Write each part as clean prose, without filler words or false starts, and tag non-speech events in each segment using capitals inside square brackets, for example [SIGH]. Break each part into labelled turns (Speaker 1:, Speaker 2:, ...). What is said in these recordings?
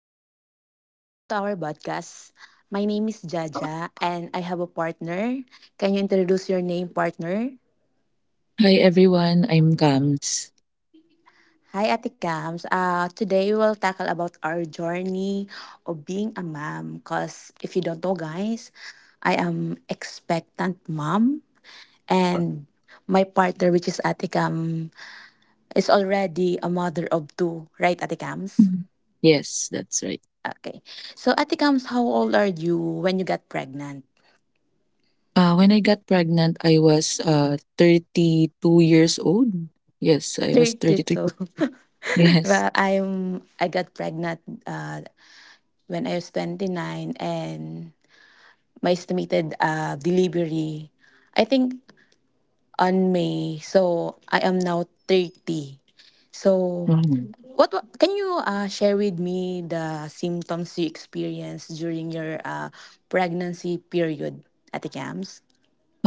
Speaker 1: everyone, welcome to our podcast. My name is Jaja and I have a partner. Can you introduce your name, partner?
Speaker 2: Hi everyone, I'm Kams.
Speaker 1: Hi Ate Cams. Today we will tackle about our journey of being a mom. Cause if you don't know, guys, I am expectant mom and my partner, which is Ate Cam, is already a mother of two, right, Ate Cams?
Speaker 2: Mhm. Yes, that's right.
Speaker 1: Okay. So Ate Cams, how old are you when you got pregnant?
Speaker 2: When I got pregnant, I was 32 years old. Yes, I was 32.
Speaker 1: 32. [LAUGHS]
Speaker 2: [LAUGHS] Yes.
Speaker 1: Well, I got pregnant uh, when I was 29 and my estimated delivery I think on May. So I am now 30. So
Speaker 2: Mhm.
Speaker 1: can you share with me the symptoms you experienced during your pregnancy period at the camps?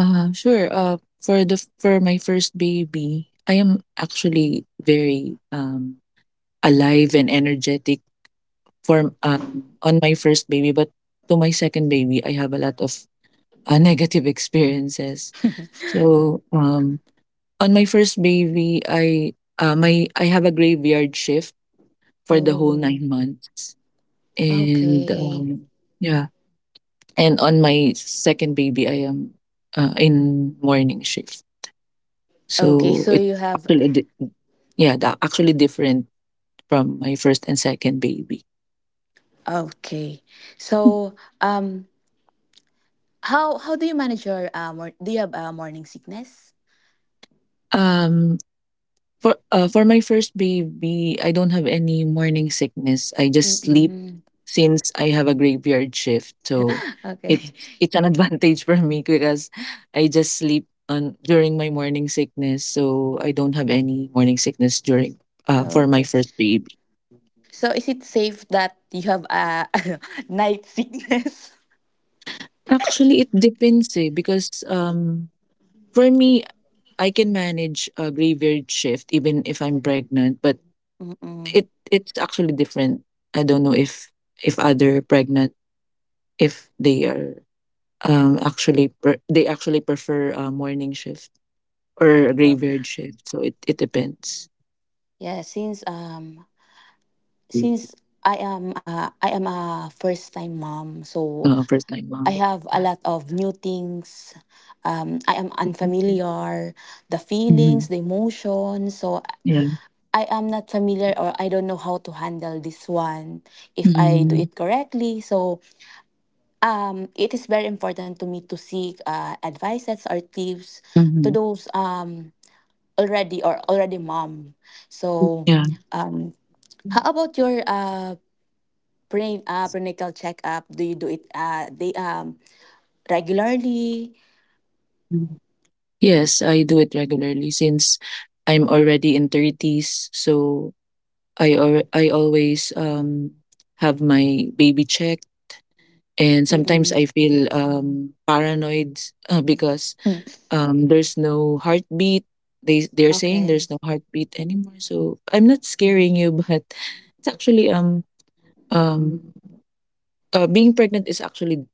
Speaker 2: Sure. For my first baby, I am actually very alive and energetic for on my first baby, but to my second baby, I have a lot of [LAUGHS] negative experiences. So um On my first baby, I have a graveyard shift for the whole
Speaker 1: Oh,
Speaker 2: 9 months, and
Speaker 1: okay.
Speaker 2: yeah, and on my second baby, I am in morning shift.
Speaker 1: Okay,
Speaker 2: So
Speaker 1: so
Speaker 2: it's
Speaker 1: you have
Speaker 2: actually di- yeah, that actually different from my first and second baby.
Speaker 1: okay. So, um, how do you manage your, ah, mor do you have, ah, morning sickness?
Speaker 2: Um, For for my first baby, I don't have any morning sickness. I just sleep
Speaker 1: Mm.
Speaker 2: since I have a graveyard shift. So
Speaker 1: [LAUGHS]
Speaker 2: it's
Speaker 1: Okay.
Speaker 2: it's an [LAUGHS] advantage for me because I just sleep on during my morning sickness. So I don't have any morning sickness during for my
Speaker 1: Okey.
Speaker 2: first baby.
Speaker 1: So, is it safe that you have, ah, [LAUGHS] night sickness?
Speaker 2: Actually, it depends eh, because for me I can manage a graveyard shift even if I'm pregnant, but
Speaker 1: Mm,
Speaker 2: it's actually different. I don't know if other pregnant if they are they actually prefer a morning shift or a
Speaker 1: okey.
Speaker 2: graveyard shift so it depends.
Speaker 1: Yeah, since,
Speaker 2: Mm.
Speaker 1: since I am a first-time mom, so
Speaker 2: First time
Speaker 1: I
Speaker 2: mom.
Speaker 1: have a
Speaker 2: Yeah.
Speaker 1: lot of new things. I am unfamiliar, the feelings,
Speaker 2: Mhm.
Speaker 1: the emotions, so
Speaker 2: Yeah.
Speaker 1: I am not familiar or I don't know how to handle this one if I do
Speaker 2: Mhm.
Speaker 1: it correctly. So it is very important to me to seek advices or tips to
Speaker 2: Mhm.
Speaker 1: those already or already mom. So
Speaker 2: Yeah.
Speaker 1: um, how about your prenatal checkup? Do you do it they regularly?
Speaker 2: Mhm. Yes, I do it regularly since I'm already in 30s, so I always have my baby checked, and sometimes
Speaker 1: Mm-mm.
Speaker 2: I feel paranoid because
Speaker 1: Mm.
Speaker 2: there's no heartbeat. They're saying
Speaker 1: Okay.
Speaker 2: there's no heartbeat anymore, so I'm not scaring you, but [LAUGHS] it's actually um being pregnant is actually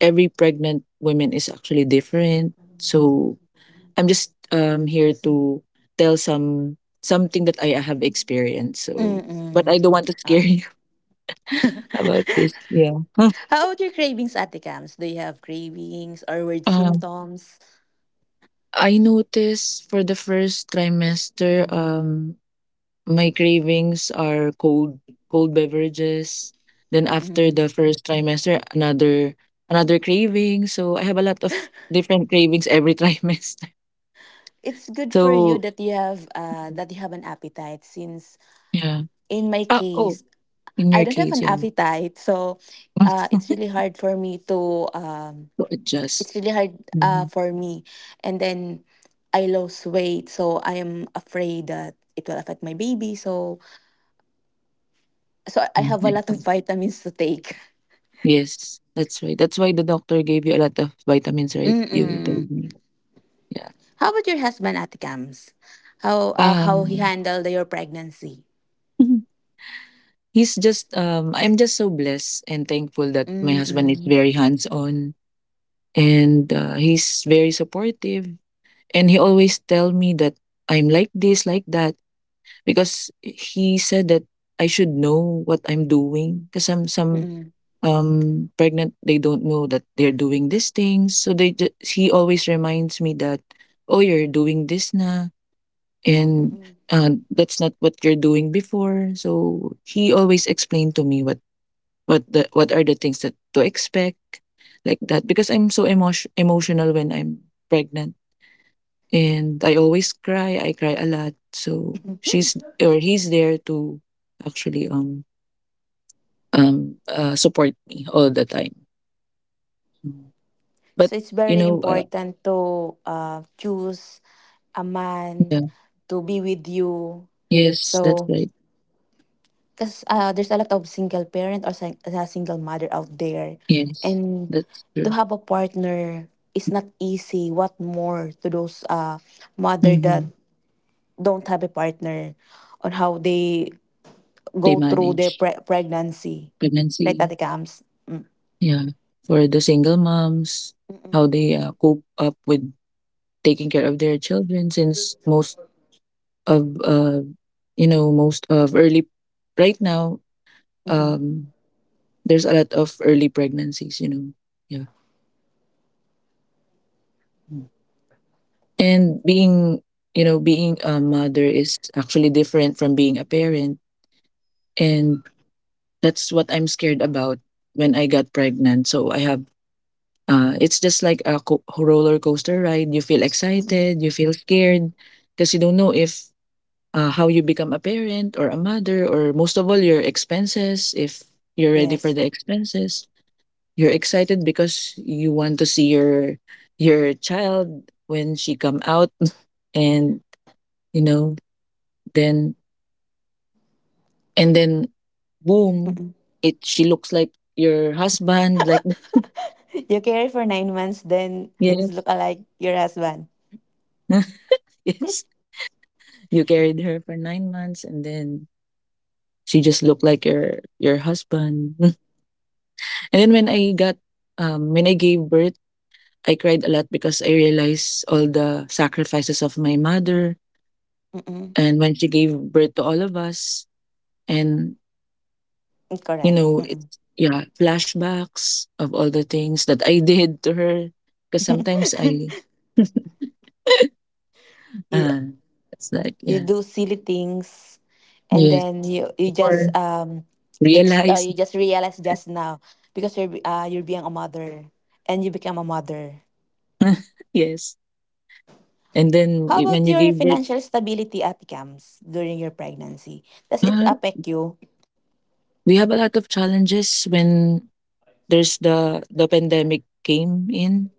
Speaker 2: every pregnant woman is actually different, so I'm just here to tell something that I have experienced, so but
Speaker 1: Mm-mm.
Speaker 2: I don't want to
Speaker 1: Uh,
Speaker 2: scare you [LAUGHS] about this.
Speaker 1: [LAUGHS]
Speaker 2: Yeah. [LAUGHS]
Speaker 1: how about your cravings, Ate Cams? Do you have cravings or weird
Speaker 2: um
Speaker 1: symptoms?
Speaker 2: I noticed for the first trimester my cravings are cold beverages. Then after
Speaker 1: Mm-mm.
Speaker 2: the first trimester, another another craving. So I have a lot of different cravings every [LAUGHS] trimester.
Speaker 1: It's good for you
Speaker 2: So
Speaker 1: that you have an appetite. Since
Speaker 2: yeah.
Speaker 1: in my
Speaker 2: Ah, oh,
Speaker 1: case,
Speaker 2: in
Speaker 1: I
Speaker 2: your
Speaker 1: don't have
Speaker 2: case,
Speaker 1: an
Speaker 2: yeah.
Speaker 1: appetite, so it's really
Speaker 2: [LAUGHS]
Speaker 1: hard for me to.
Speaker 2: To adjust.
Speaker 1: It's really hard
Speaker 2: Mhm.
Speaker 1: for me, and then I lose weight, so I am afraid that it will affect my baby. So I have a lot
Speaker 2: Mm.
Speaker 1: of [LAUGHS] vitamins to take.
Speaker 2: Yes, that's right. That's why the doctor gave you a lot of vitamins,
Speaker 1: [LAUGHS]
Speaker 2: right? You
Speaker 1: Mm-mm.
Speaker 2: told me. Yeah.
Speaker 1: How about your husband at Gams? How he
Speaker 2: Um,
Speaker 1: handled your pregnancy?
Speaker 2: [LAUGHS] he's just I'm just so blessed and thankful that my husband is
Speaker 1: Mm-mm.
Speaker 2: very hands on, and he's very supportive, and he always tell me that I'm like this like that, because he said that I should know what I'm doing, because some
Speaker 1: Mm-mm.
Speaker 2: pregnant they don't know that they're doing these things, so he always reminds me that oh, you're doing this na, and that's not what you're doing before. So he always explained to me what the what are the things that to expect, like that, because I'm so emotional when I'm pregnant, and I always cry a lot, so she's or he's there to actually support me all the time. Mm.
Speaker 1: So
Speaker 2: But
Speaker 1: it's
Speaker 2: you
Speaker 1: very
Speaker 2: know,
Speaker 1: important to choose a man
Speaker 2: yeah.
Speaker 1: to be with you.
Speaker 2: Yes, that's
Speaker 1: So
Speaker 2: right.
Speaker 1: because there's a lot of single parent or single mother out there,
Speaker 2: Yes,
Speaker 1: and
Speaker 2: that's
Speaker 1: to
Speaker 2: true.
Speaker 1: have a partner is not easy. What more to those mother that
Speaker 2: Mm-hmm.
Speaker 1: don't have a partner on how they
Speaker 2: They
Speaker 1: go through their
Speaker 2: manage
Speaker 1: pregnancy. Right,
Speaker 2: pregnancy.
Speaker 1: Tate Kams?
Speaker 2: Yeah, for the single moms, how
Speaker 1: Mm-mm.
Speaker 2: they cope up with taking care of their children, since most of you know, most of early right now,
Speaker 1: Mm-mm.
Speaker 2: um there's a lot of early pregnancies, you know. Yeah. Mm. And being, you know, being a mother is actually different from being a parent, and that's what I'm scared about when I got pregnant. So I have it's just like a roller coaster ride. You feel
Speaker 1: Mm-mm.
Speaker 2: excited, you feel scared, because you don't know if how you become a parent or a mother, or most of all, your expenses. If you're ready
Speaker 1: Yes.
Speaker 2: for the expenses, you're excited because you want to see your child when she come out, [LAUGHS] and you know, then and then boom,
Speaker 1: Mm-mm.
Speaker 2: it she looks like your husband, like
Speaker 1: [LAUGHS] You carry for 9 months, then
Speaker 2: [LAUGHS]
Speaker 1: it's look
Speaker 2: yes,
Speaker 1: alike your husband.
Speaker 2: [LAUGHS] yes. You carried her for 9 months, and then she just looked like your husband. [LAUGHS] And then when I got when I gave birth, I cried a lot because I realized all the sacrifices of my mother
Speaker 1: Mm-mm.
Speaker 2: and when she gave birth to all of us. And, you
Speaker 1: Correct.
Speaker 2: know,
Speaker 1: Mm-mm.
Speaker 2: it, yeah, flashbacks of all the things that I [LAUGHS] did to her. Because sometimes I,
Speaker 1: You
Speaker 2: uh, it's like,
Speaker 1: you
Speaker 2: yeah,
Speaker 1: do silly things, and
Speaker 2: yes,
Speaker 1: then you just
Speaker 2: or
Speaker 1: you
Speaker 2: realize,
Speaker 1: just realize just now because you're being a mother and you become a mother.
Speaker 2: [LAUGHS] yes. And then
Speaker 1: How about
Speaker 2: when you
Speaker 1: your
Speaker 2: gave birth,
Speaker 1: financial stability at camps during your pregnancy? Does it
Speaker 2: uh,
Speaker 1: affect you?
Speaker 2: we have a lot of challenges when there's the pandemic came in,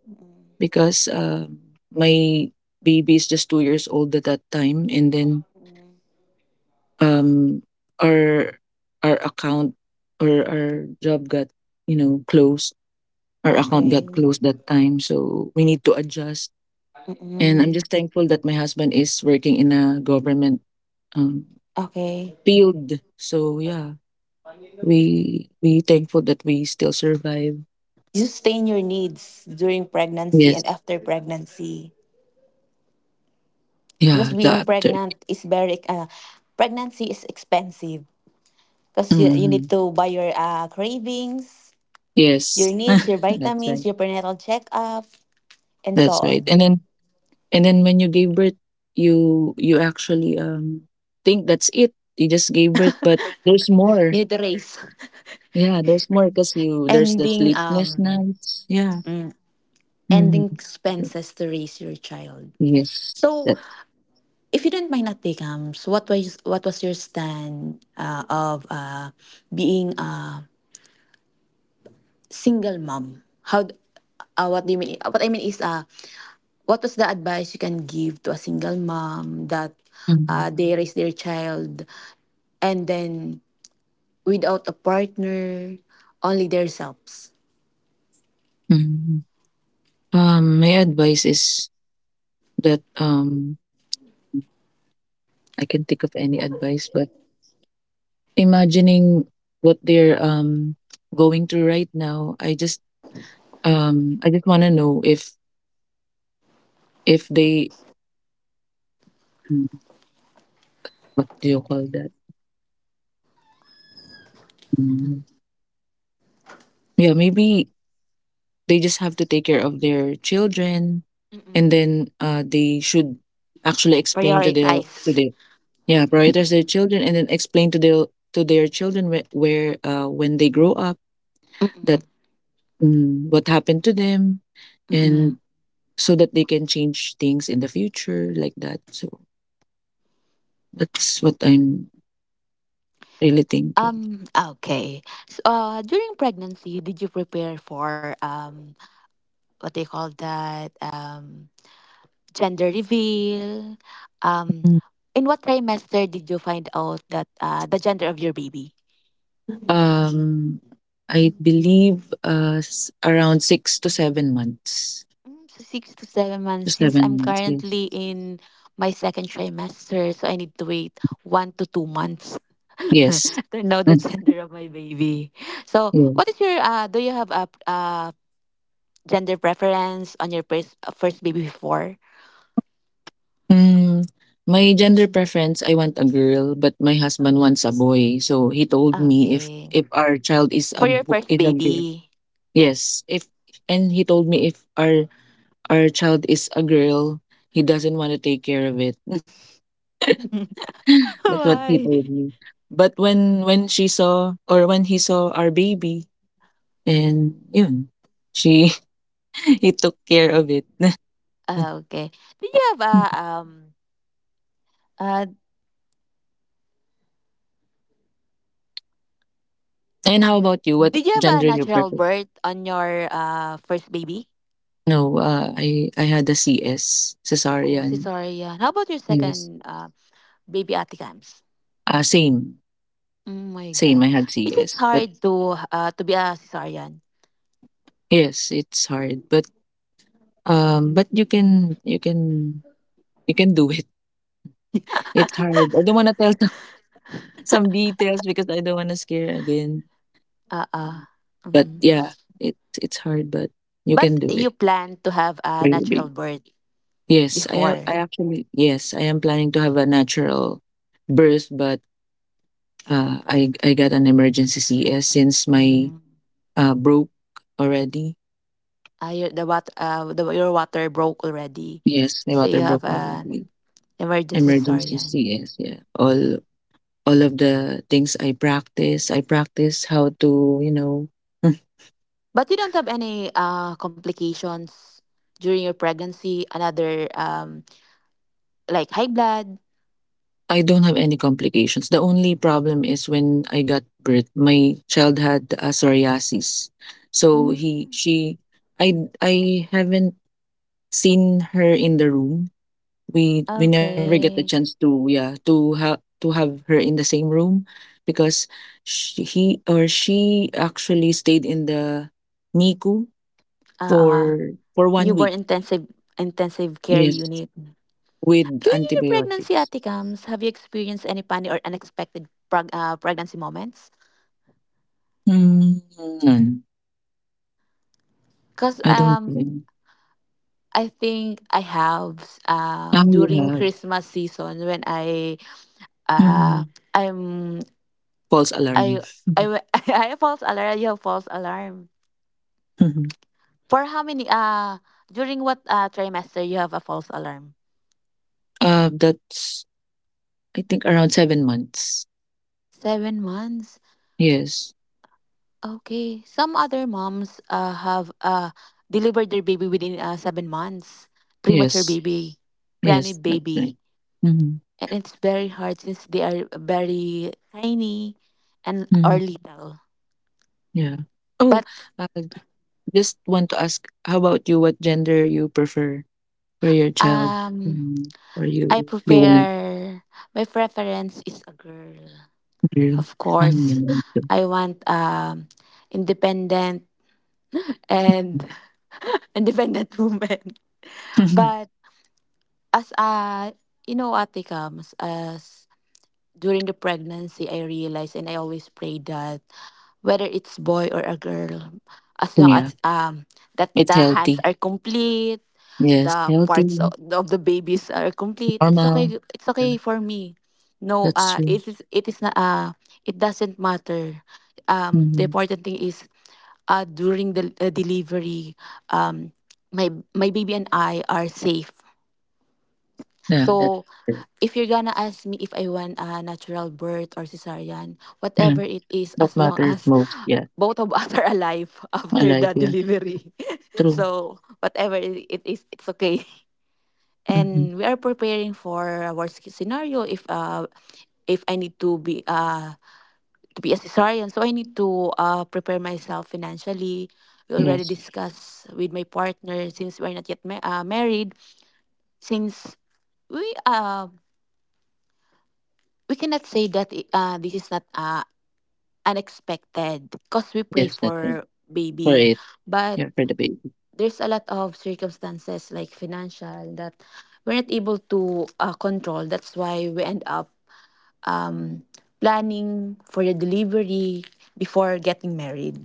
Speaker 2: because my baby is just 2 years old at that time, and then um, our our account or our job got, you know, closed. Our account got
Speaker 1: Okay.
Speaker 2: closed that time, so we need to adjust. And I'm
Speaker 1: Mm-mm.
Speaker 2: just thankful that my husband is working in a government um,
Speaker 1: Okay.
Speaker 2: field. So yeah, we thankful that we still survive.
Speaker 1: You sustain your needs during pregnancy and
Speaker 2: Yes.
Speaker 1: after pregnancy
Speaker 2: Yeah.
Speaker 1: because
Speaker 2: The
Speaker 1: being
Speaker 2: after.
Speaker 1: pregnant is very pregnancy is expensive because you
Speaker 2: Hmm.
Speaker 1: need to buy your cravings, your
Speaker 2: Yes. [LAUGHS]
Speaker 1: needs, your
Speaker 2: That's right.
Speaker 1: vitamins, your prenatal checkup, and so
Speaker 2: That's right. And
Speaker 1: on.
Speaker 2: then And then when you gave birth, you actually think that's it. You just gave birth, but there's
Speaker 1: You
Speaker 2: more.
Speaker 1: need to raise [LAUGHS]
Speaker 2: Yeah, there's more because you there's the
Speaker 1: ending
Speaker 2: sleepless nights. Yeah.
Speaker 1: ending
Speaker 2: Hmm.
Speaker 1: expenses to raise your child.
Speaker 2: Yes.
Speaker 1: So,
Speaker 2: That.
Speaker 1: if you don't mind, Ate Kams, what was your stand of being a single mom how d- what do you mean what I mean is what was the advice you can give to a single mom that
Speaker 2: Hmm.
Speaker 1: they raise their child and then without a partner only themselves.
Speaker 2: Hmm. My advice is that I can think of any advice, but imagining what they're going through right now, I just want to know if they mm, what do you call that? Mm. Yeah, maybe they just have to take care of their children, and
Speaker 1: Mm-mm.
Speaker 2: then they should actually explain to
Speaker 1: Prioritize.
Speaker 2: their yeah, prioritize their children, and then explain to their children where, when they grow up,
Speaker 1: Mm-mm.
Speaker 2: that what happened to them,
Speaker 1: Mm-mm.
Speaker 2: and so that they can change things in the future like that. So that's what I'm really thinking.
Speaker 1: Um, okay. So, during pregnancy did you prepare for what they call that um? Gender reveal. Um,
Speaker 2: Mm.
Speaker 1: in what trimester did you find out that the gender of your baby?
Speaker 2: Um, I believe around 6 to 7 months.
Speaker 1: Mm, so 6 to 7 months.
Speaker 2: To
Speaker 1: Since I'm
Speaker 2: 7 months, yes.
Speaker 1: currently in my second trimester, so I need to wait 1 to 2 months
Speaker 2: Yes.
Speaker 1: [LAUGHS] to know the
Speaker 2: Mm,
Speaker 1: gender of my baby. So,
Speaker 2: yeah.
Speaker 1: what is your? Do you have a gender preference on your first baby before?
Speaker 2: Mm, my gender preference, I want a girl, but my husband wants a boy. So he told me
Speaker 1: Okay,
Speaker 2: if our child is
Speaker 1: for
Speaker 2: a
Speaker 1: your first
Speaker 2: is a girl.
Speaker 1: baby.
Speaker 2: Yes, if, and he told me if our child is a girl, he doesn't want to take care of it. [LAUGHS]
Speaker 1: [LAUGHS]
Speaker 2: That's what he
Speaker 1: Why?
Speaker 2: told me. But when she saw or when he saw our baby, and yun, she [LAUGHS] he took care of it. [LAUGHS]
Speaker 1: Okay. Do you have a um? Uh,
Speaker 2: And how about you? What
Speaker 1: did you have a
Speaker 2: gender you
Speaker 1: natural
Speaker 2: prefer?
Speaker 1: birth on your first baby?
Speaker 2: No, I had a CS,
Speaker 1: Oh,
Speaker 2: cesarean.
Speaker 1: cesarean. How about your
Speaker 2: Yes.
Speaker 1: second baby, Ate Cams?
Speaker 2: Same.
Speaker 1: Oh my
Speaker 2: Same, I
Speaker 1: God.
Speaker 2: had
Speaker 1: Is it
Speaker 2: CS. But
Speaker 1: hard to be a cesarean?
Speaker 2: yes, it's hard. But you can you can do it. It's hard. I don't wanna tell some, [LAUGHS] some details because I don't wanna scare again.
Speaker 1: [LAUGHS] Uh-uh.
Speaker 2: But
Speaker 1: Mm-mm.
Speaker 2: yeah, it's hard but you can
Speaker 1: But
Speaker 2: do
Speaker 1: you
Speaker 2: it
Speaker 1: plan to have a
Speaker 2: for your
Speaker 1: natural
Speaker 2: baby.
Speaker 1: birth
Speaker 2: Yes, I have I
Speaker 1: before.
Speaker 2: actually yes, I am planning to have a natural birth, but I got an emergency CS since my
Speaker 1: Mm.
Speaker 2: Broke already.
Speaker 1: Ah, your, your water broke already.
Speaker 2: Yes, my
Speaker 1: So you
Speaker 2: water
Speaker 1: have
Speaker 2: broke
Speaker 1: an
Speaker 2: already.
Speaker 1: emergency
Speaker 2: Emergency
Speaker 1: cesarean.
Speaker 2: CS, yeah. All of the things I practice how to, you know, [LAUGHS]
Speaker 1: But you don't have any complications during your pregnancy, another like high blood.
Speaker 2: I don't have any complications. The only problem is when I got birth, my child had psoriasis. So
Speaker 1: Mm,
Speaker 2: he she I haven't seen her in the room, we never get the chance
Speaker 1: okay.
Speaker 2: to, yeah, to have her in the same room because she, he or she actually stayed in the NICU
Speaker 1: Uh, uh,
Speaker 2: for one
Speaker 1: newborn
Speaker 2: week.
Speaker 1: intensive care
Speaker 2: Yes,
Speaker 1: unit.
Speaker 2: with
Speaker 1: During your pregnancy,
Speaker 2: antibiotics.
Speaker 1: Ate Kams, have you experienced any funny or unexpected pregnancy moments?
Speaker 2: Mm, none.
Speaker 1: Because
Speaker 2: I don't think.
Speaker 1: I think I have
Speaker 2: Ah, you
Speaker 1: during
Speaker 2: have.
Speaker 1: Christmas season when I uh,
Speaker 2: Mhm.
Speaker 1: I'm
Speaker 2: False alarm.
Speaker 1: I, w-
Speaker 2: Mhm.
Speaker 1: [LAUGHS] I have false alarm. You have false alarm.
Speaker 2: Mhm. [LAUGHS]
Speaker 1: For how many during what trimester you have a false alarm?
Speaker 2: That's I think around 7 months.
Speaker 1: 7 months.
Speaker 2: Yes,
Speaker 1: Okay. Some other moms have delivered their baby within 7 months. Premature
Speaker 2: yes,
Speaker 1: baby, preemie
Speaker 2: yes. That's right.
Speaker 1: baby.
Speaker 2: Mm-hmm.
Speaker 1: And it's very hard since they are very tiny and or little.
Speaker 2: Yeah. Oh,
Speaker 1: But
Speaker 2: uh, just want to ask, how about you? What gender you prefer for your child,
Speaker 1: um
Speaker 2: or
Speaker 1: I
Speaker 2: you want
Speaker 1: prefer my preference is a girl.
Speaker 2: girl?
Speaker 1: Of
Speaker 2: You
Speaker 1: course.
Speaker 2: want to.
Speaker 1: I want independent and independent [LAUGHS] woman. But as a you know, Ate comes as during the pregnancy, I realized and I always pray that whether it's boy or a girl, as
Speaker 2: [LAUGHS]
Speaker 1: long
Speaker 2: Yeah,
Speaker 1: as that
Speaker 2: it's
Speaker 1: the hands
Speaker 2: healthy.
Speaker 1: are complete,
Speaker 2: Yes,
Speaker 1: the parts
Speaker 2: healthy,
Speaker 1: of the babies are complete, it's
Speaker 2: normal.
Speaker 1: okay. It's
Speaker 2: Yeah,
Speaker 1: okay for me. No,
Speaker 2: that's true.
Speaker 1: it is not it doesn't matter. The
Speaker 2: Hmm.
Speaker 1: important thing is during the delivery, um, my baby and I are safe.
Speaker 2: Yeah, that's
Speaker 1: So
Speaker 2: true.
Speaker 1: if you're gonna ask me if I want a natural birth or cesarean,
Speaker 2: Yeah.
Speaker 1: whatever it is,
Speaker 2: What
Speaker 1: as long [LAUGHS]
Speaker 2: matters
Speaker 1: as
Speaker 2: most? Yeah,
Speaker 1: both of us are alive [LAUGHS] after
Speaker 2: alive.
Speaker 1: the
Speaker 2: Yeah,
Speaker 1: delivery. [LAUGHS]
Speaker 2: true.
Speaker 1: So whatever it is, it's okay. [LAUGHS]
Speaker 2: Hmm.
Speaker 1: And we are preparing for a worst case scenario if I need to be a cesarean. So I need to prepare myself financially. We already
Speaker 2: Yes,
Speaker 1: discussed with my partner since we're not yet married. Since we uh we cannot say that this is not unexpected because we
Speaker 2: yes,
Speaker 1: pray
Speaker 2: that's right.
Speaker 1: for
Speaker 2: For it,
Speaker 1: baby
Speaker 2: yeah,
Speaker 1: but
Speaker 2: for the baby.
Speaker 1: there's a lot of circumstances like financial that we're not able to control. That's why we end up um, planning for the delivery before getting married.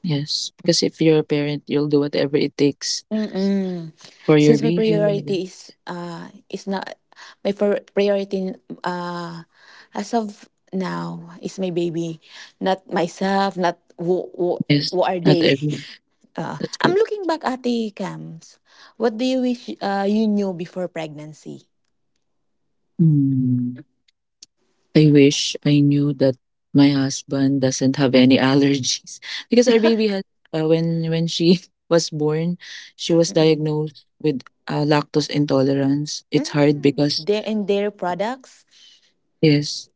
Speaker 2: Yes, because if you're a parent, you'll do whatever it takes
Speaker 1: Mm-mm.
Speaker 2: for your
Speaker 1: Since my
Speaker 2: baby. Yeah.
Speaker 1: priority is not my priority uh as of now is my baby, not myself, not who,
Speaker 2: Yes,
Speaker 1: who are
Speaker 2: not
Speaker 1: they. [LAUGHS]
Speaker 2: every.
Speaker 1: Uh,
Speaker 2: That's
Speaker 1: I'm
Speaker 2: correct.
Speaker 1: looking back at the cams. What do you wish you knew before pregnancy?
Speaker 2: Hmm. I wish I knew that my husband doesn't have any allergies [LAUGHS] because our baby had when she [LAUGHS] was born, she was
Speaker 1: Mm-mm.
Speaker 2: diagnosed with lactose intolerance. It's hard
Speaker 1: Mm.
Speaker 2: because
Speaker 1: Their and their products.
Speaker 2: yes,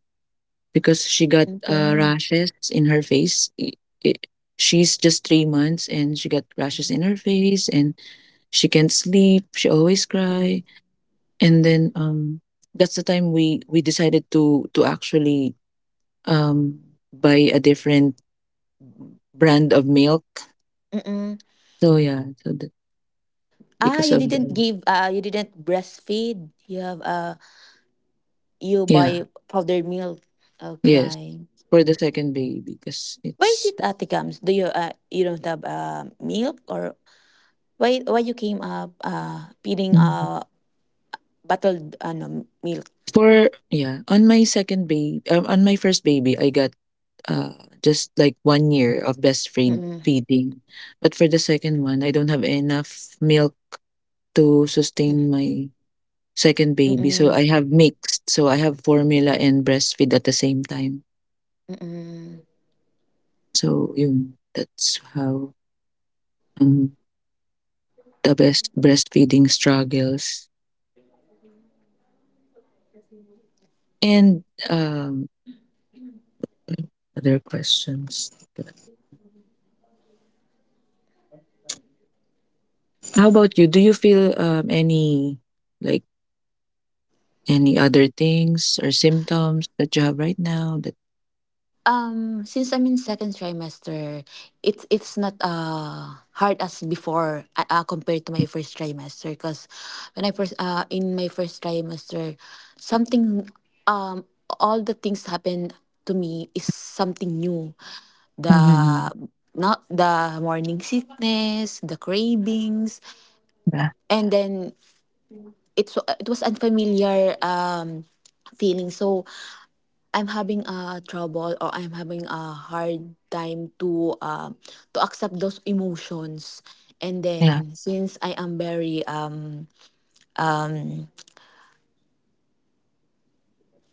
Speaker 2: because she got
Speaker 1: Okay.
Speaker 2: rashes in her face. I- she's just 3 months and she got rashes in her face and she can't sleep. She always
Speaker 1: Mm-mm.
Speaker 2: cry, and then that's the time we decided to actually um buy a different brand of milk.
Speaker 1: Mm-mm.
Speaker 2: So yeah, so that
Speaker 1: Ah,
Speaker 2: because
Speaker 1: you
Speaker 2: of
Speaker 1: didn't
Speaker 2: the
Speaker 1: give. You didn't breastfeed. You have. You
Speaker 2: yeah,
Speaker 1: buy powdered milk.
Speaker 2: yes,
Speaker 1: Okay.
Speaker 2: for the second baby because
Speaker 1: Why is
Speaker 2: it's
Speaker 1: it Ate Kams? Do you you don't have milk or why you came up feeding
Speaker 2: Mhm.
Speaker 1: bottled ano milk?
Speaker 2: for Yeah, on my second baby, on my first baby, I got uh just like 1 year of breastfeed
Speaker 1: Mm-mm.
Speaker 2: feeding. But for the second one, I don't have enough milk to sustain my second baby. So I
Speaker 1: Mm-mm.
Speaker 2: have mixed. So I have formula and breastfeed at the same time.
Speaker 1: Mm-mm.
Speaker 2: So yun, that's how um, the best breastfeeding struggles, and um, other questions. How about you? Do you feel any like any other things or symptoms that you have right now? That
Speaker 1: Since I'm in second trimester, it's not hard as before compared to my first trimester. Because when I first in my first trimester, something um all the things happen to me is something new.
Speaker 2: Mhm.
Speaker 1: The not the morning sickness, the cravings,
Speaker 2: yeah,
Speaker 1: and then it was unfamiliar feeling. So I'm having a trouble or I'm having a hard time to accept those emotions. And
Speaker 2: yeah,
Speaker 1: then since I am very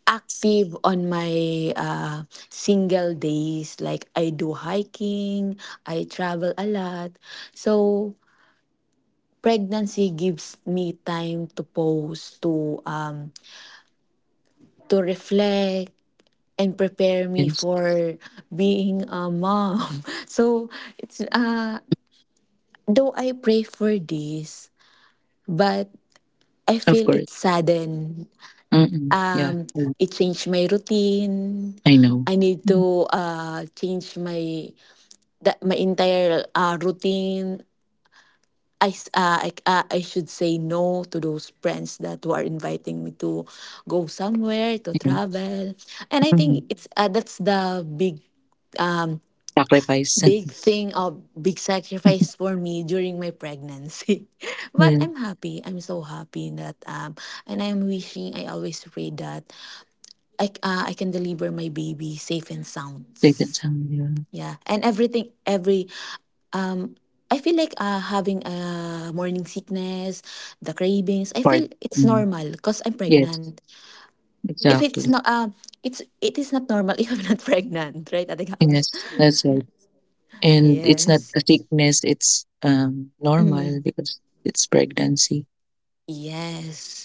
Speaker 1: active on my single days, like I do hiking, I travel a lot. So pregnancy gives me time to pause, to reflect and prepare me
Speaker 2: yes,
Speaker 1: for being a mom. [LAUGHS] So it's though I pray for this, but I
Speaker 2: of
Speaker 1: feel
Speaker 2: course.
Speaker 1: it sudden.
Speaker 2: Mm-mm. Yeah.
Speaker 1: Um,
Speaker 2: Mm.
Speaker 1: it changed my routine.
Speaker 2: I know.
Speaker 1: I need
Speaker 2: Mhm.
Speaker 1: to change my that my entire routine. I should say no to those friends that who are inviting me to go somewhere to
Speaker 2: And-
Speaker 1: travel and I think
Speaker 2: Mhm.
Speaker 1: it's that's the
Speaker 2: Sacrifice.
Speaker 1: big thing of big sacrifice
Speaker 2: [LAUGHS]
Speaker 1: for me during my pregnancy [LAUGHS] but
Speaker 2: Yeah,
Speaker 1: I'm so happy that and I'm wishing I always pray that I can deliver my baby safe and sound.
Speaker 2: taken some yeah.
Speaker 1: Yeah, and everything every I feel like having a morning sickness the cravings I
Speaker 2: Part.
Speaker 1: feel it's
Speaker 2: Mm.
Speaker 1: normal because I'm
Speaker 2: Yes,
Speaker 1: pregnant if it's
Speaker 2: exactly.
Speaker 1: not it is not normal [LAUGHS] if I'm not pregnant right at the house.
Speaker 2: Yes, that's right. And it's not a
Speaker 1: Yes.
Speaker 2: sickness, it's normal because it's pregnancy.
Speaker 1: Yes.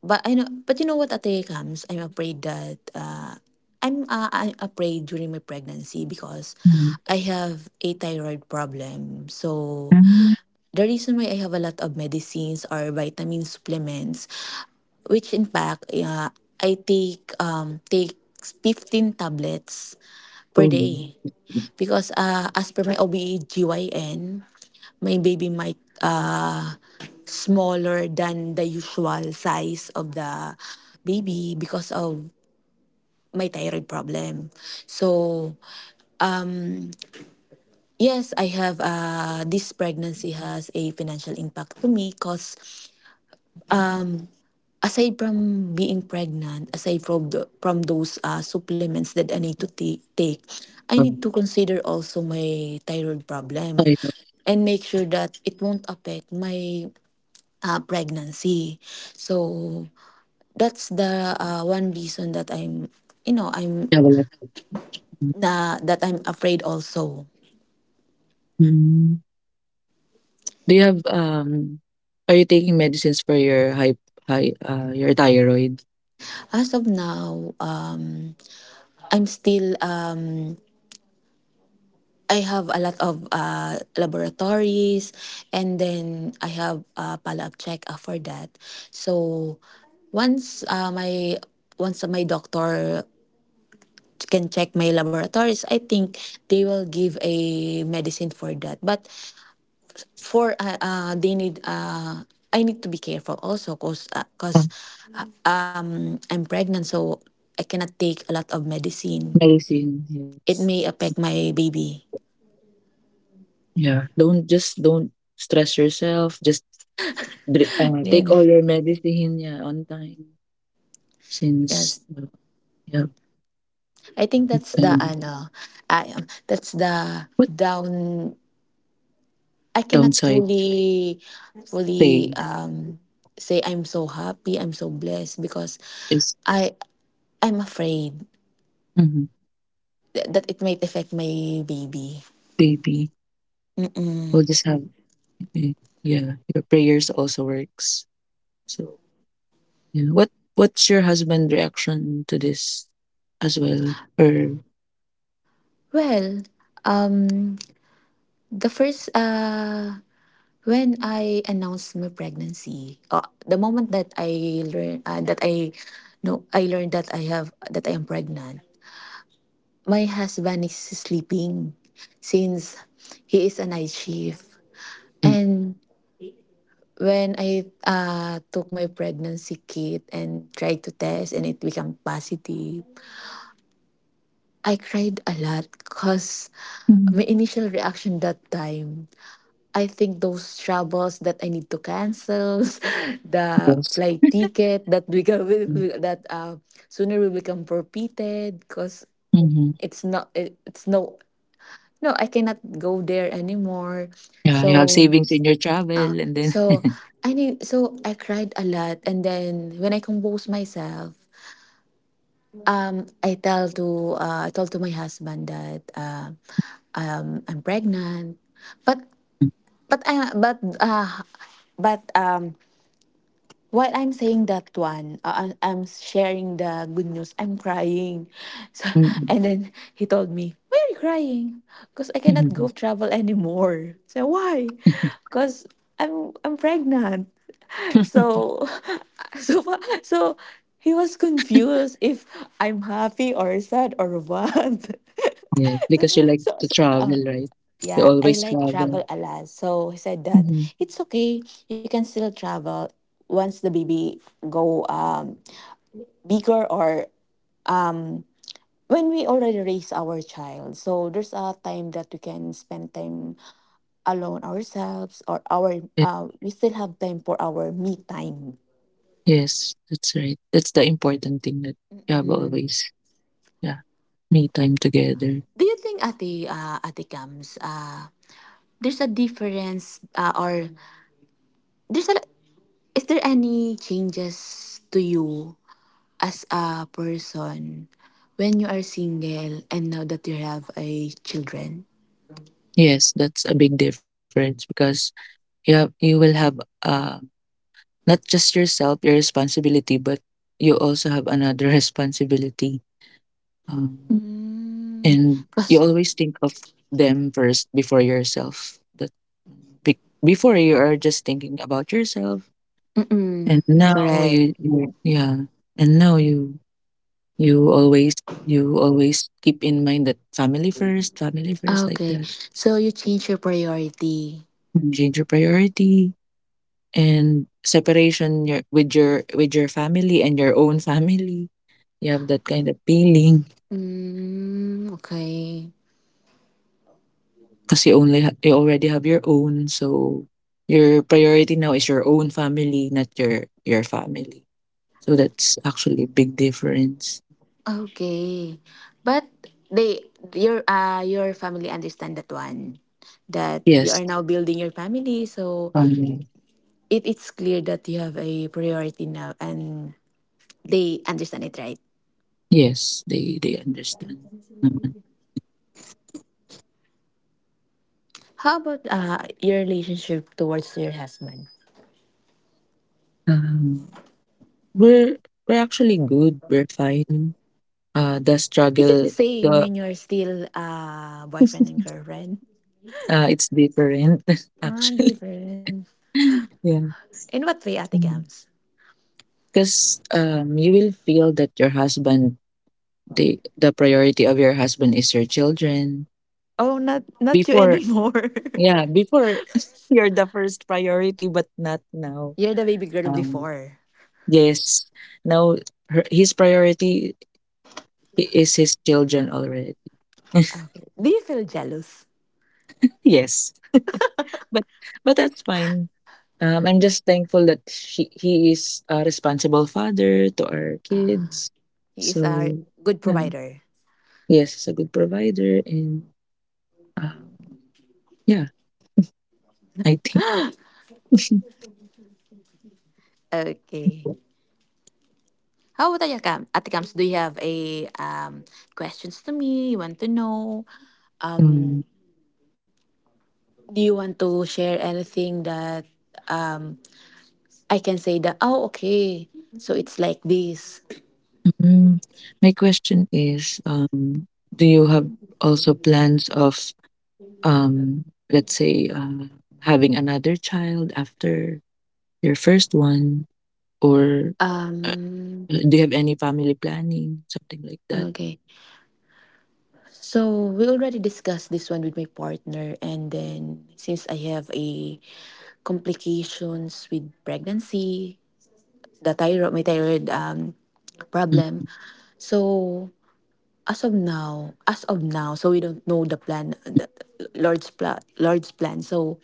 Speaker 1: But I know, but you know what, Ate comes. I'm afraid that I'm afraid during my pregnancy because
Speaker 2: Mm.
Speaker 1: I have a thyroid problem. So
Speaker 2: Mm.
Speaker 1: the reason why I have a lot of medicines or vitamin supplements, which in fact I take takes 15 tablets per
Speaker 2: Oh,
Speaker 1: day because as per my OBGYN, my baby might. Uh smaller than the usual size of the baby because of my thyroid problem. So, yes, I have this pregnancy has a financial impact to me cuz aside from being pregnant, aside from from those supplements that I need to take, I
Speaker 2: um,
Speaker 1: need to consider also my thyroid problem
Speaker 2: sorry, no,
Speaker 1: and make sure that it won't affect my pregnancy. So that's the one reason that I'm, you know, I'm
Speaker 2: um, I have a lot.
Speaker 1: na that I'm afraid also.
Speaker 2: Mm. Do you have um, are you taking medicines for your high uh, your thyroid?
Speaker 1: As of now, I'm still I have a lot of laboratories, and then I have a follow-up check for that. So once uh, my once my doctor can check my laboratories, I think they will give a medicine for that. But for they need I need to be careful also cause uh, cause
Speaker 2: Mm.
Speaker 1: um I'm pregnant, so I cannot take a lot of medicine.
Speaker 2: Medicine, yes.
Speaker 1: It may affect my baby.
Speaker 2: Yeah, don't stress yourself, just
Speaker 1: [LAUGHS] Yeah.
Speaker 2: take all your medicine, yeah, on time, since
Speaker 1: Yes.
Speaker 2: yeah,
Speaker 1: I think
Speaker 2: that
Speaker 1: that's
Speaker 2: kind
Speaker 1: the
Speaker 2: of-
Speaker 1: ano I That's the
Speaker 2: what
Speaker 1: down I cannot
Speaker 2: downside
Speaker 1: fully
Speaker 2: say
Speaker 1: say I'm so happy, I'm so blessed, because
Speaker 2: is
Speaker 1: I I'm afraid that it might affect my baby.
Speaker 2: baby, we'll
Speaker 1: Mm-mm.
Speaker 2: just have y- yeah, your prayers also works. So yeah. What what's your husband reaction to this as well? Or
Speaker 1: Well, um the first when I announced my pregnancy, the moment that I learned that I no I learned that I have that I am pregnant. My husband is sleeping since he is a night shift.
Speaker 2: mm,
Speaker 1: And when I took my pregnancy kit and tried to test, and it became positive, I cried a lot because
Speaker 2: Mhm.
Speaker 1: my initial reaction that time, I think those troubles that I need to cancel, [LAUGHS] the
Speaker 2: Yes.
Speaker 1: flight ticket that become [LAUGHS] that sooner will become forfeited, because
Speaker 2: Mm-hmm.
Speaker 1: it's not it, it's no no I cannot go there anymore.
Speaker 2: Yeah, you have
Speaker 1: So
Speaker 2: savings in your travel and then
Speaker 1: so I need so I cried a lot, and then when I compose myself, I told to my husband that I'm pregnant, but
Speaker 2: [LAUGHS]
Speaker 1: but I but while I'm saying that one, I'm sharing the good news, I'm crying. [LAUGHS] So,
Speaker 2: Mm,
Speaker 1: and then he told me, "Why are you crying?" Because I cannot
Speaker 2: mm.
Speaker 1: go travel anymore. So why?
Speaker 2: [LAUGHS]
Speaker 1: Because I'm pregnant. So [LAUGHS] so fa- so he was confused if I'm happy or sad or what.
Speaker 2: Yes, because you
Speaker 1: [LAUGHS]
Speaker 2: like
Speaker 1: so,
Speaker 2: to
Speaker 1: so, uh,
Speaker 2: travel, right? You
Speaker 1: yeah, I
Speaker 2: always
Speaker 1: like
Speaker 2: travel.
Speaker 1: travel a lot. So he said that
Speaker 2: Hmm.
Speaker 1: it's okay. You can still travel once the baby go bigger, or when we already raise our child. So there's a time that we can spend time alone ourselves, or our we still have time for our me time.
Speaker 2: Yes, that's right. That's the important thing, that you have always, yeah, me time together.
Speaker 1: Do you think Ate comes there's a difference, or there's a is there any changes to you as a person when you are single and now that you have a children?
Speaker 2: Yes, that's a big difference, because you have, you will have uh, not just yourself, your responsibility, but you also have another [LAUGHS] responsibility, um,
Speaker 1: Mm,
Speaker 2: and you
Speaker 1: cause,
Speaker 2: always think of them first before yourself. That Before, you are just thinking about yourself,
Speaker 1: mm-mm,
Speaker 2: and now
Speaker 1: correct.
Speaker 2: you yeah, and now you always, you always keep in mind that family first, family first, like
Speaker 1: Okay.
Speaker 2: that.
Speaker 1: So you change your priority.
Speaker 2: Mm. Change your priority, and separation your with your with your family and your own family. You have that kind of feeling
Speaker 1: Mm, okay.
Speaker 2: because you only you already have your own. So your priority now is your own family, not your family. So that's actually a big difference.
Speaker 1: Okay. But they, your family understand that one, that you
Speaker 2: Yes,
Speaker 1: are now building your family, so
Speaker 2: family.
Speaker 1: it, it's clear that you have a priority now, and they understand it, right?
Speaker 2: Yes, they understand naman.
Speaker 1: How about your relationship towards your husband?
Speaker 2: Um, we're we're actually good. We're fine. The
Speaker 1: Is it the
Speaker 2: struggle,
Speaker 1: same
Speaker 2: the
Speaker 1: when you're still boyfriend and
Speaker 2: [LAUGHS]
Speaker 1: girlfriend?
Speaker 2: it's different [LAUGHS]
Speaker 1: Ah,
Speaker 2: actually.
Speaker 1: different.
Speaker 2: [LAUGHS] Yeah.
Speaker 1: In what way, Ate
Speaker 2: Mm.
Speaker 1: Cams?
Speaker 2: Because you will feel that your husband, the priority of your husband is your children.
Speaker 1: Oh, not not you
Speaker 2: Before,
Speaker 1: anymore.
Speaker 2: yeah, before [LAUGHS] you're the first priority, but not now.
Speaker 1: [LAUGHS] You're the baby girl
Speaker 2: Um,
Speaker 1: before.
Speaker 2: yes, now her, his priority is his children already. [LAUGHS]
Speaker 1: Okay. Do you feel jealous?
Speaker 2: Yes, but that's fine. Um, I'm just thankful that she, he is a responsible father to our kids,
Speaker 1: He is a
Speaker 2: so
Speaker 1: good
Speaker 2: yeah,
Speaker 1: provider.
Speaker 2: yes, he's a good provider, and um, yeah, I think. [LAUGHS]
Speaker 1: Okay. How about Ate Cams? Ate Cams, do you have a questions to me? You want to know?
Speaker 2: Mm,
Speaker 1: Um, do you want to share anything that um I can say that, oh, okay. So it's like this.
Speaker 2: mm. My question is, do you have also plans of, um, let's say, having another child after your first one, or uh,
Speaker 1: Um,
Speaker 2: do you have any family planning, something like that?
Speaker 1: okay. So we already discussed this one with my partner. And then since I have a complications with pregnancy, the thyroid, my thyroid problem. So as of now, so we don't know the plan, the Lord's plan. So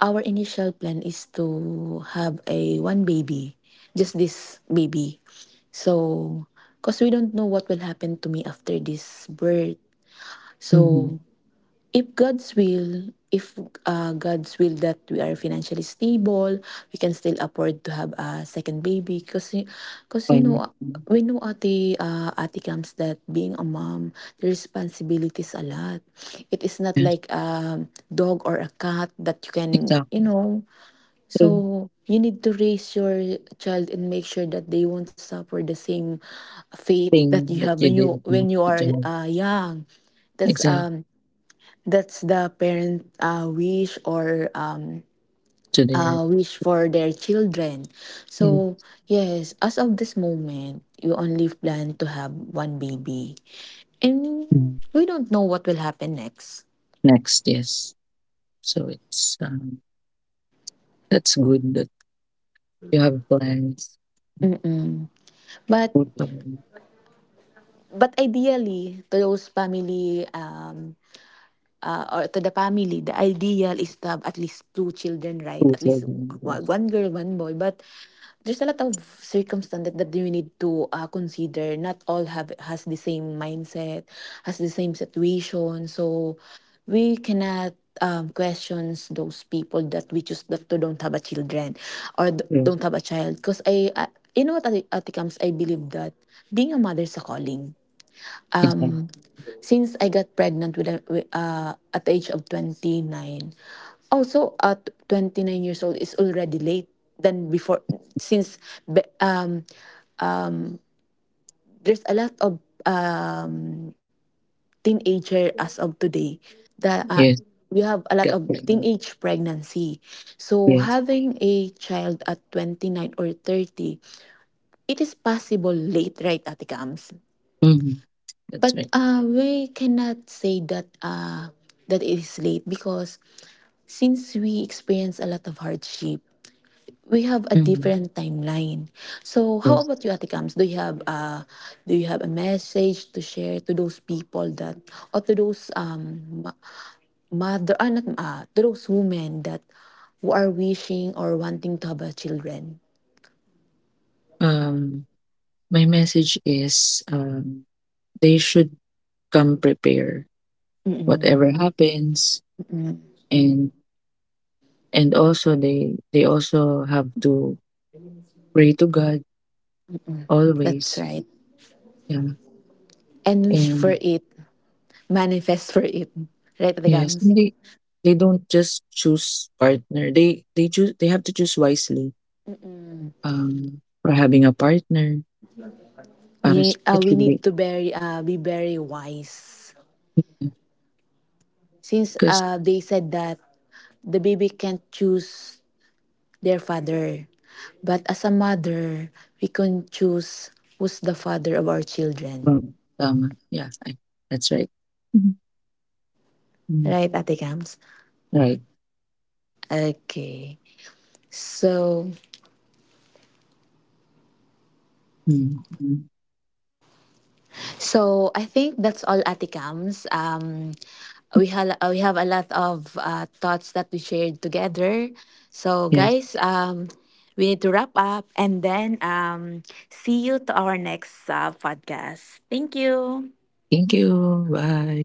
Speaker 1: our initial plan is to have a one baby, just this baby. So, because we don't know what will happen to me after this birth.
Speaker 2: Mm-hmm.
Speaker 1: So, if God's will that we are financially stable, we can still afford to have a second baby. Because you
Speaker 2: Why not?
Speaker 1: know,
Speaker 2: Mm.
Speaker 1: we know ate, ate comes, that being a mom, the responsibilities a lot. It is not
Speaker 2: Yeah,
Speaker 1: like a dog or a cat that you can, you
Speaker 2: exactly.
Speaker 1: know,
Speaker 2: True
Speaker 1: so you need to raise your child and make sure that they won't suffer the same fate
Speaker 2: thing
Speaker 1: that you
Speaker 2: that
Speaker 1: have
Speaker 2: you
Speaker 1: when
Speaker 2: did, mm,
Speaker 1: you
Speaker 2: good
Speaker 1: are
Speaker 2: job.
Speaker 1: young. That's
Speaker 2: Exactly.
Speaker 1: um that's the parent
Speaker 2: To their
Speaker 1: wish for their children.
Speaker 2: in-
Speaker 1: So yes, as of this moment, you only plan to have one baby, and
Speaker 2: Mhm.
Speaker 1: we don't know what will happen next.
Speaker 2: Next, yes. So it's that's good that. You have plans,
Speaker 1: Mm-mm. But
Speaker 2: food plan,
Speaker 1: ideally, to those family, the ideal is to have at least two children, right?
Speaker 2: food
Speaker 1: At least
Speaker 2: children, yes,
Speaker 1: one one girl, one boy. But there's a lot of circumstance that, that you need to consider. Not all have has the same mindset, has the same situation. So we cannot questions those people that we choose that to don't have a children, or
Speaker 2: yes,
Speaker 1: don't have a child. Because I, you know what, Ate Kams, I believe that being a mother is a calling.
Speaker 2: exactly.
Speaker 1: Since I got pregnant with at the age of 29. Also at 29 years old is already late than before, since be- um there's a lot of um teenager as of today that
Speaker 2: Yes,
Speaker 1: we have a lot
Speaker 2: gut
Speaker 1: of
Speaker 2: feeling.
Speaker 1: teenage pregnancy. So
Speaker 2: Yes.
Speaker 1: having a child at 29 or 30, it is possible late, right, Ate Kams?
Speaker 2: Mm-hmm. That's right.
Speaker 1: But we cannot say that that it is late, because since we experience a lot of hardship, we have a
Speaker 2: Mm-hmm.
Speaker 1: different timeline. So
Speaker 2: Yes.
Speaker 1: how about you, Ate Kams? Do you have a message to share to those people that, or to those mother, ah, not to those women that who are wishing or wanting to have a children?
Speaker 2: Um, my message is, they should come prepare whatever happens, and and also they also have to pray to God
Speaker 1: That's
Speaker 2: always.
Speaker 1: right.
Speaker 2: Yeah,
Speaker 1: And wish for
Speaker 2: and
Speaker 1: it, manifest for it, right, Ate
Speaker 2: yes, and
Speaker 1: Kams?
Speaker 2: they, don't just choose partner. They choose. They have to choose wisely. Or having a partner, para s
Speaker 1: Yeah,
Speaker 2: it
Speaker 1: we
Speaker 2: should
Speaker 1: need to very be very wise. Since
Speaker 2: cause,
Speaker 1: they said that the baby can't choose their father, but as a mother, we can choose who's the father of our children.
Speaker 2: tama. Yeah, I, that's right. Mhm. Mm,
Speaker 1: Right, Ate Kams?
Speaker 2: right.
Speaker 1: Okay. So
Speaker 2: Mm, mm.
Speaker 1: I think that's all, Ate Cams. We have a lot of thoughts that we shared together. So
Speaker 2: Yes.
Speaker 1: guys, we need to wrap up, and then see you to our next podcast. Thank you.
Speaker 2: Thank you. Bye.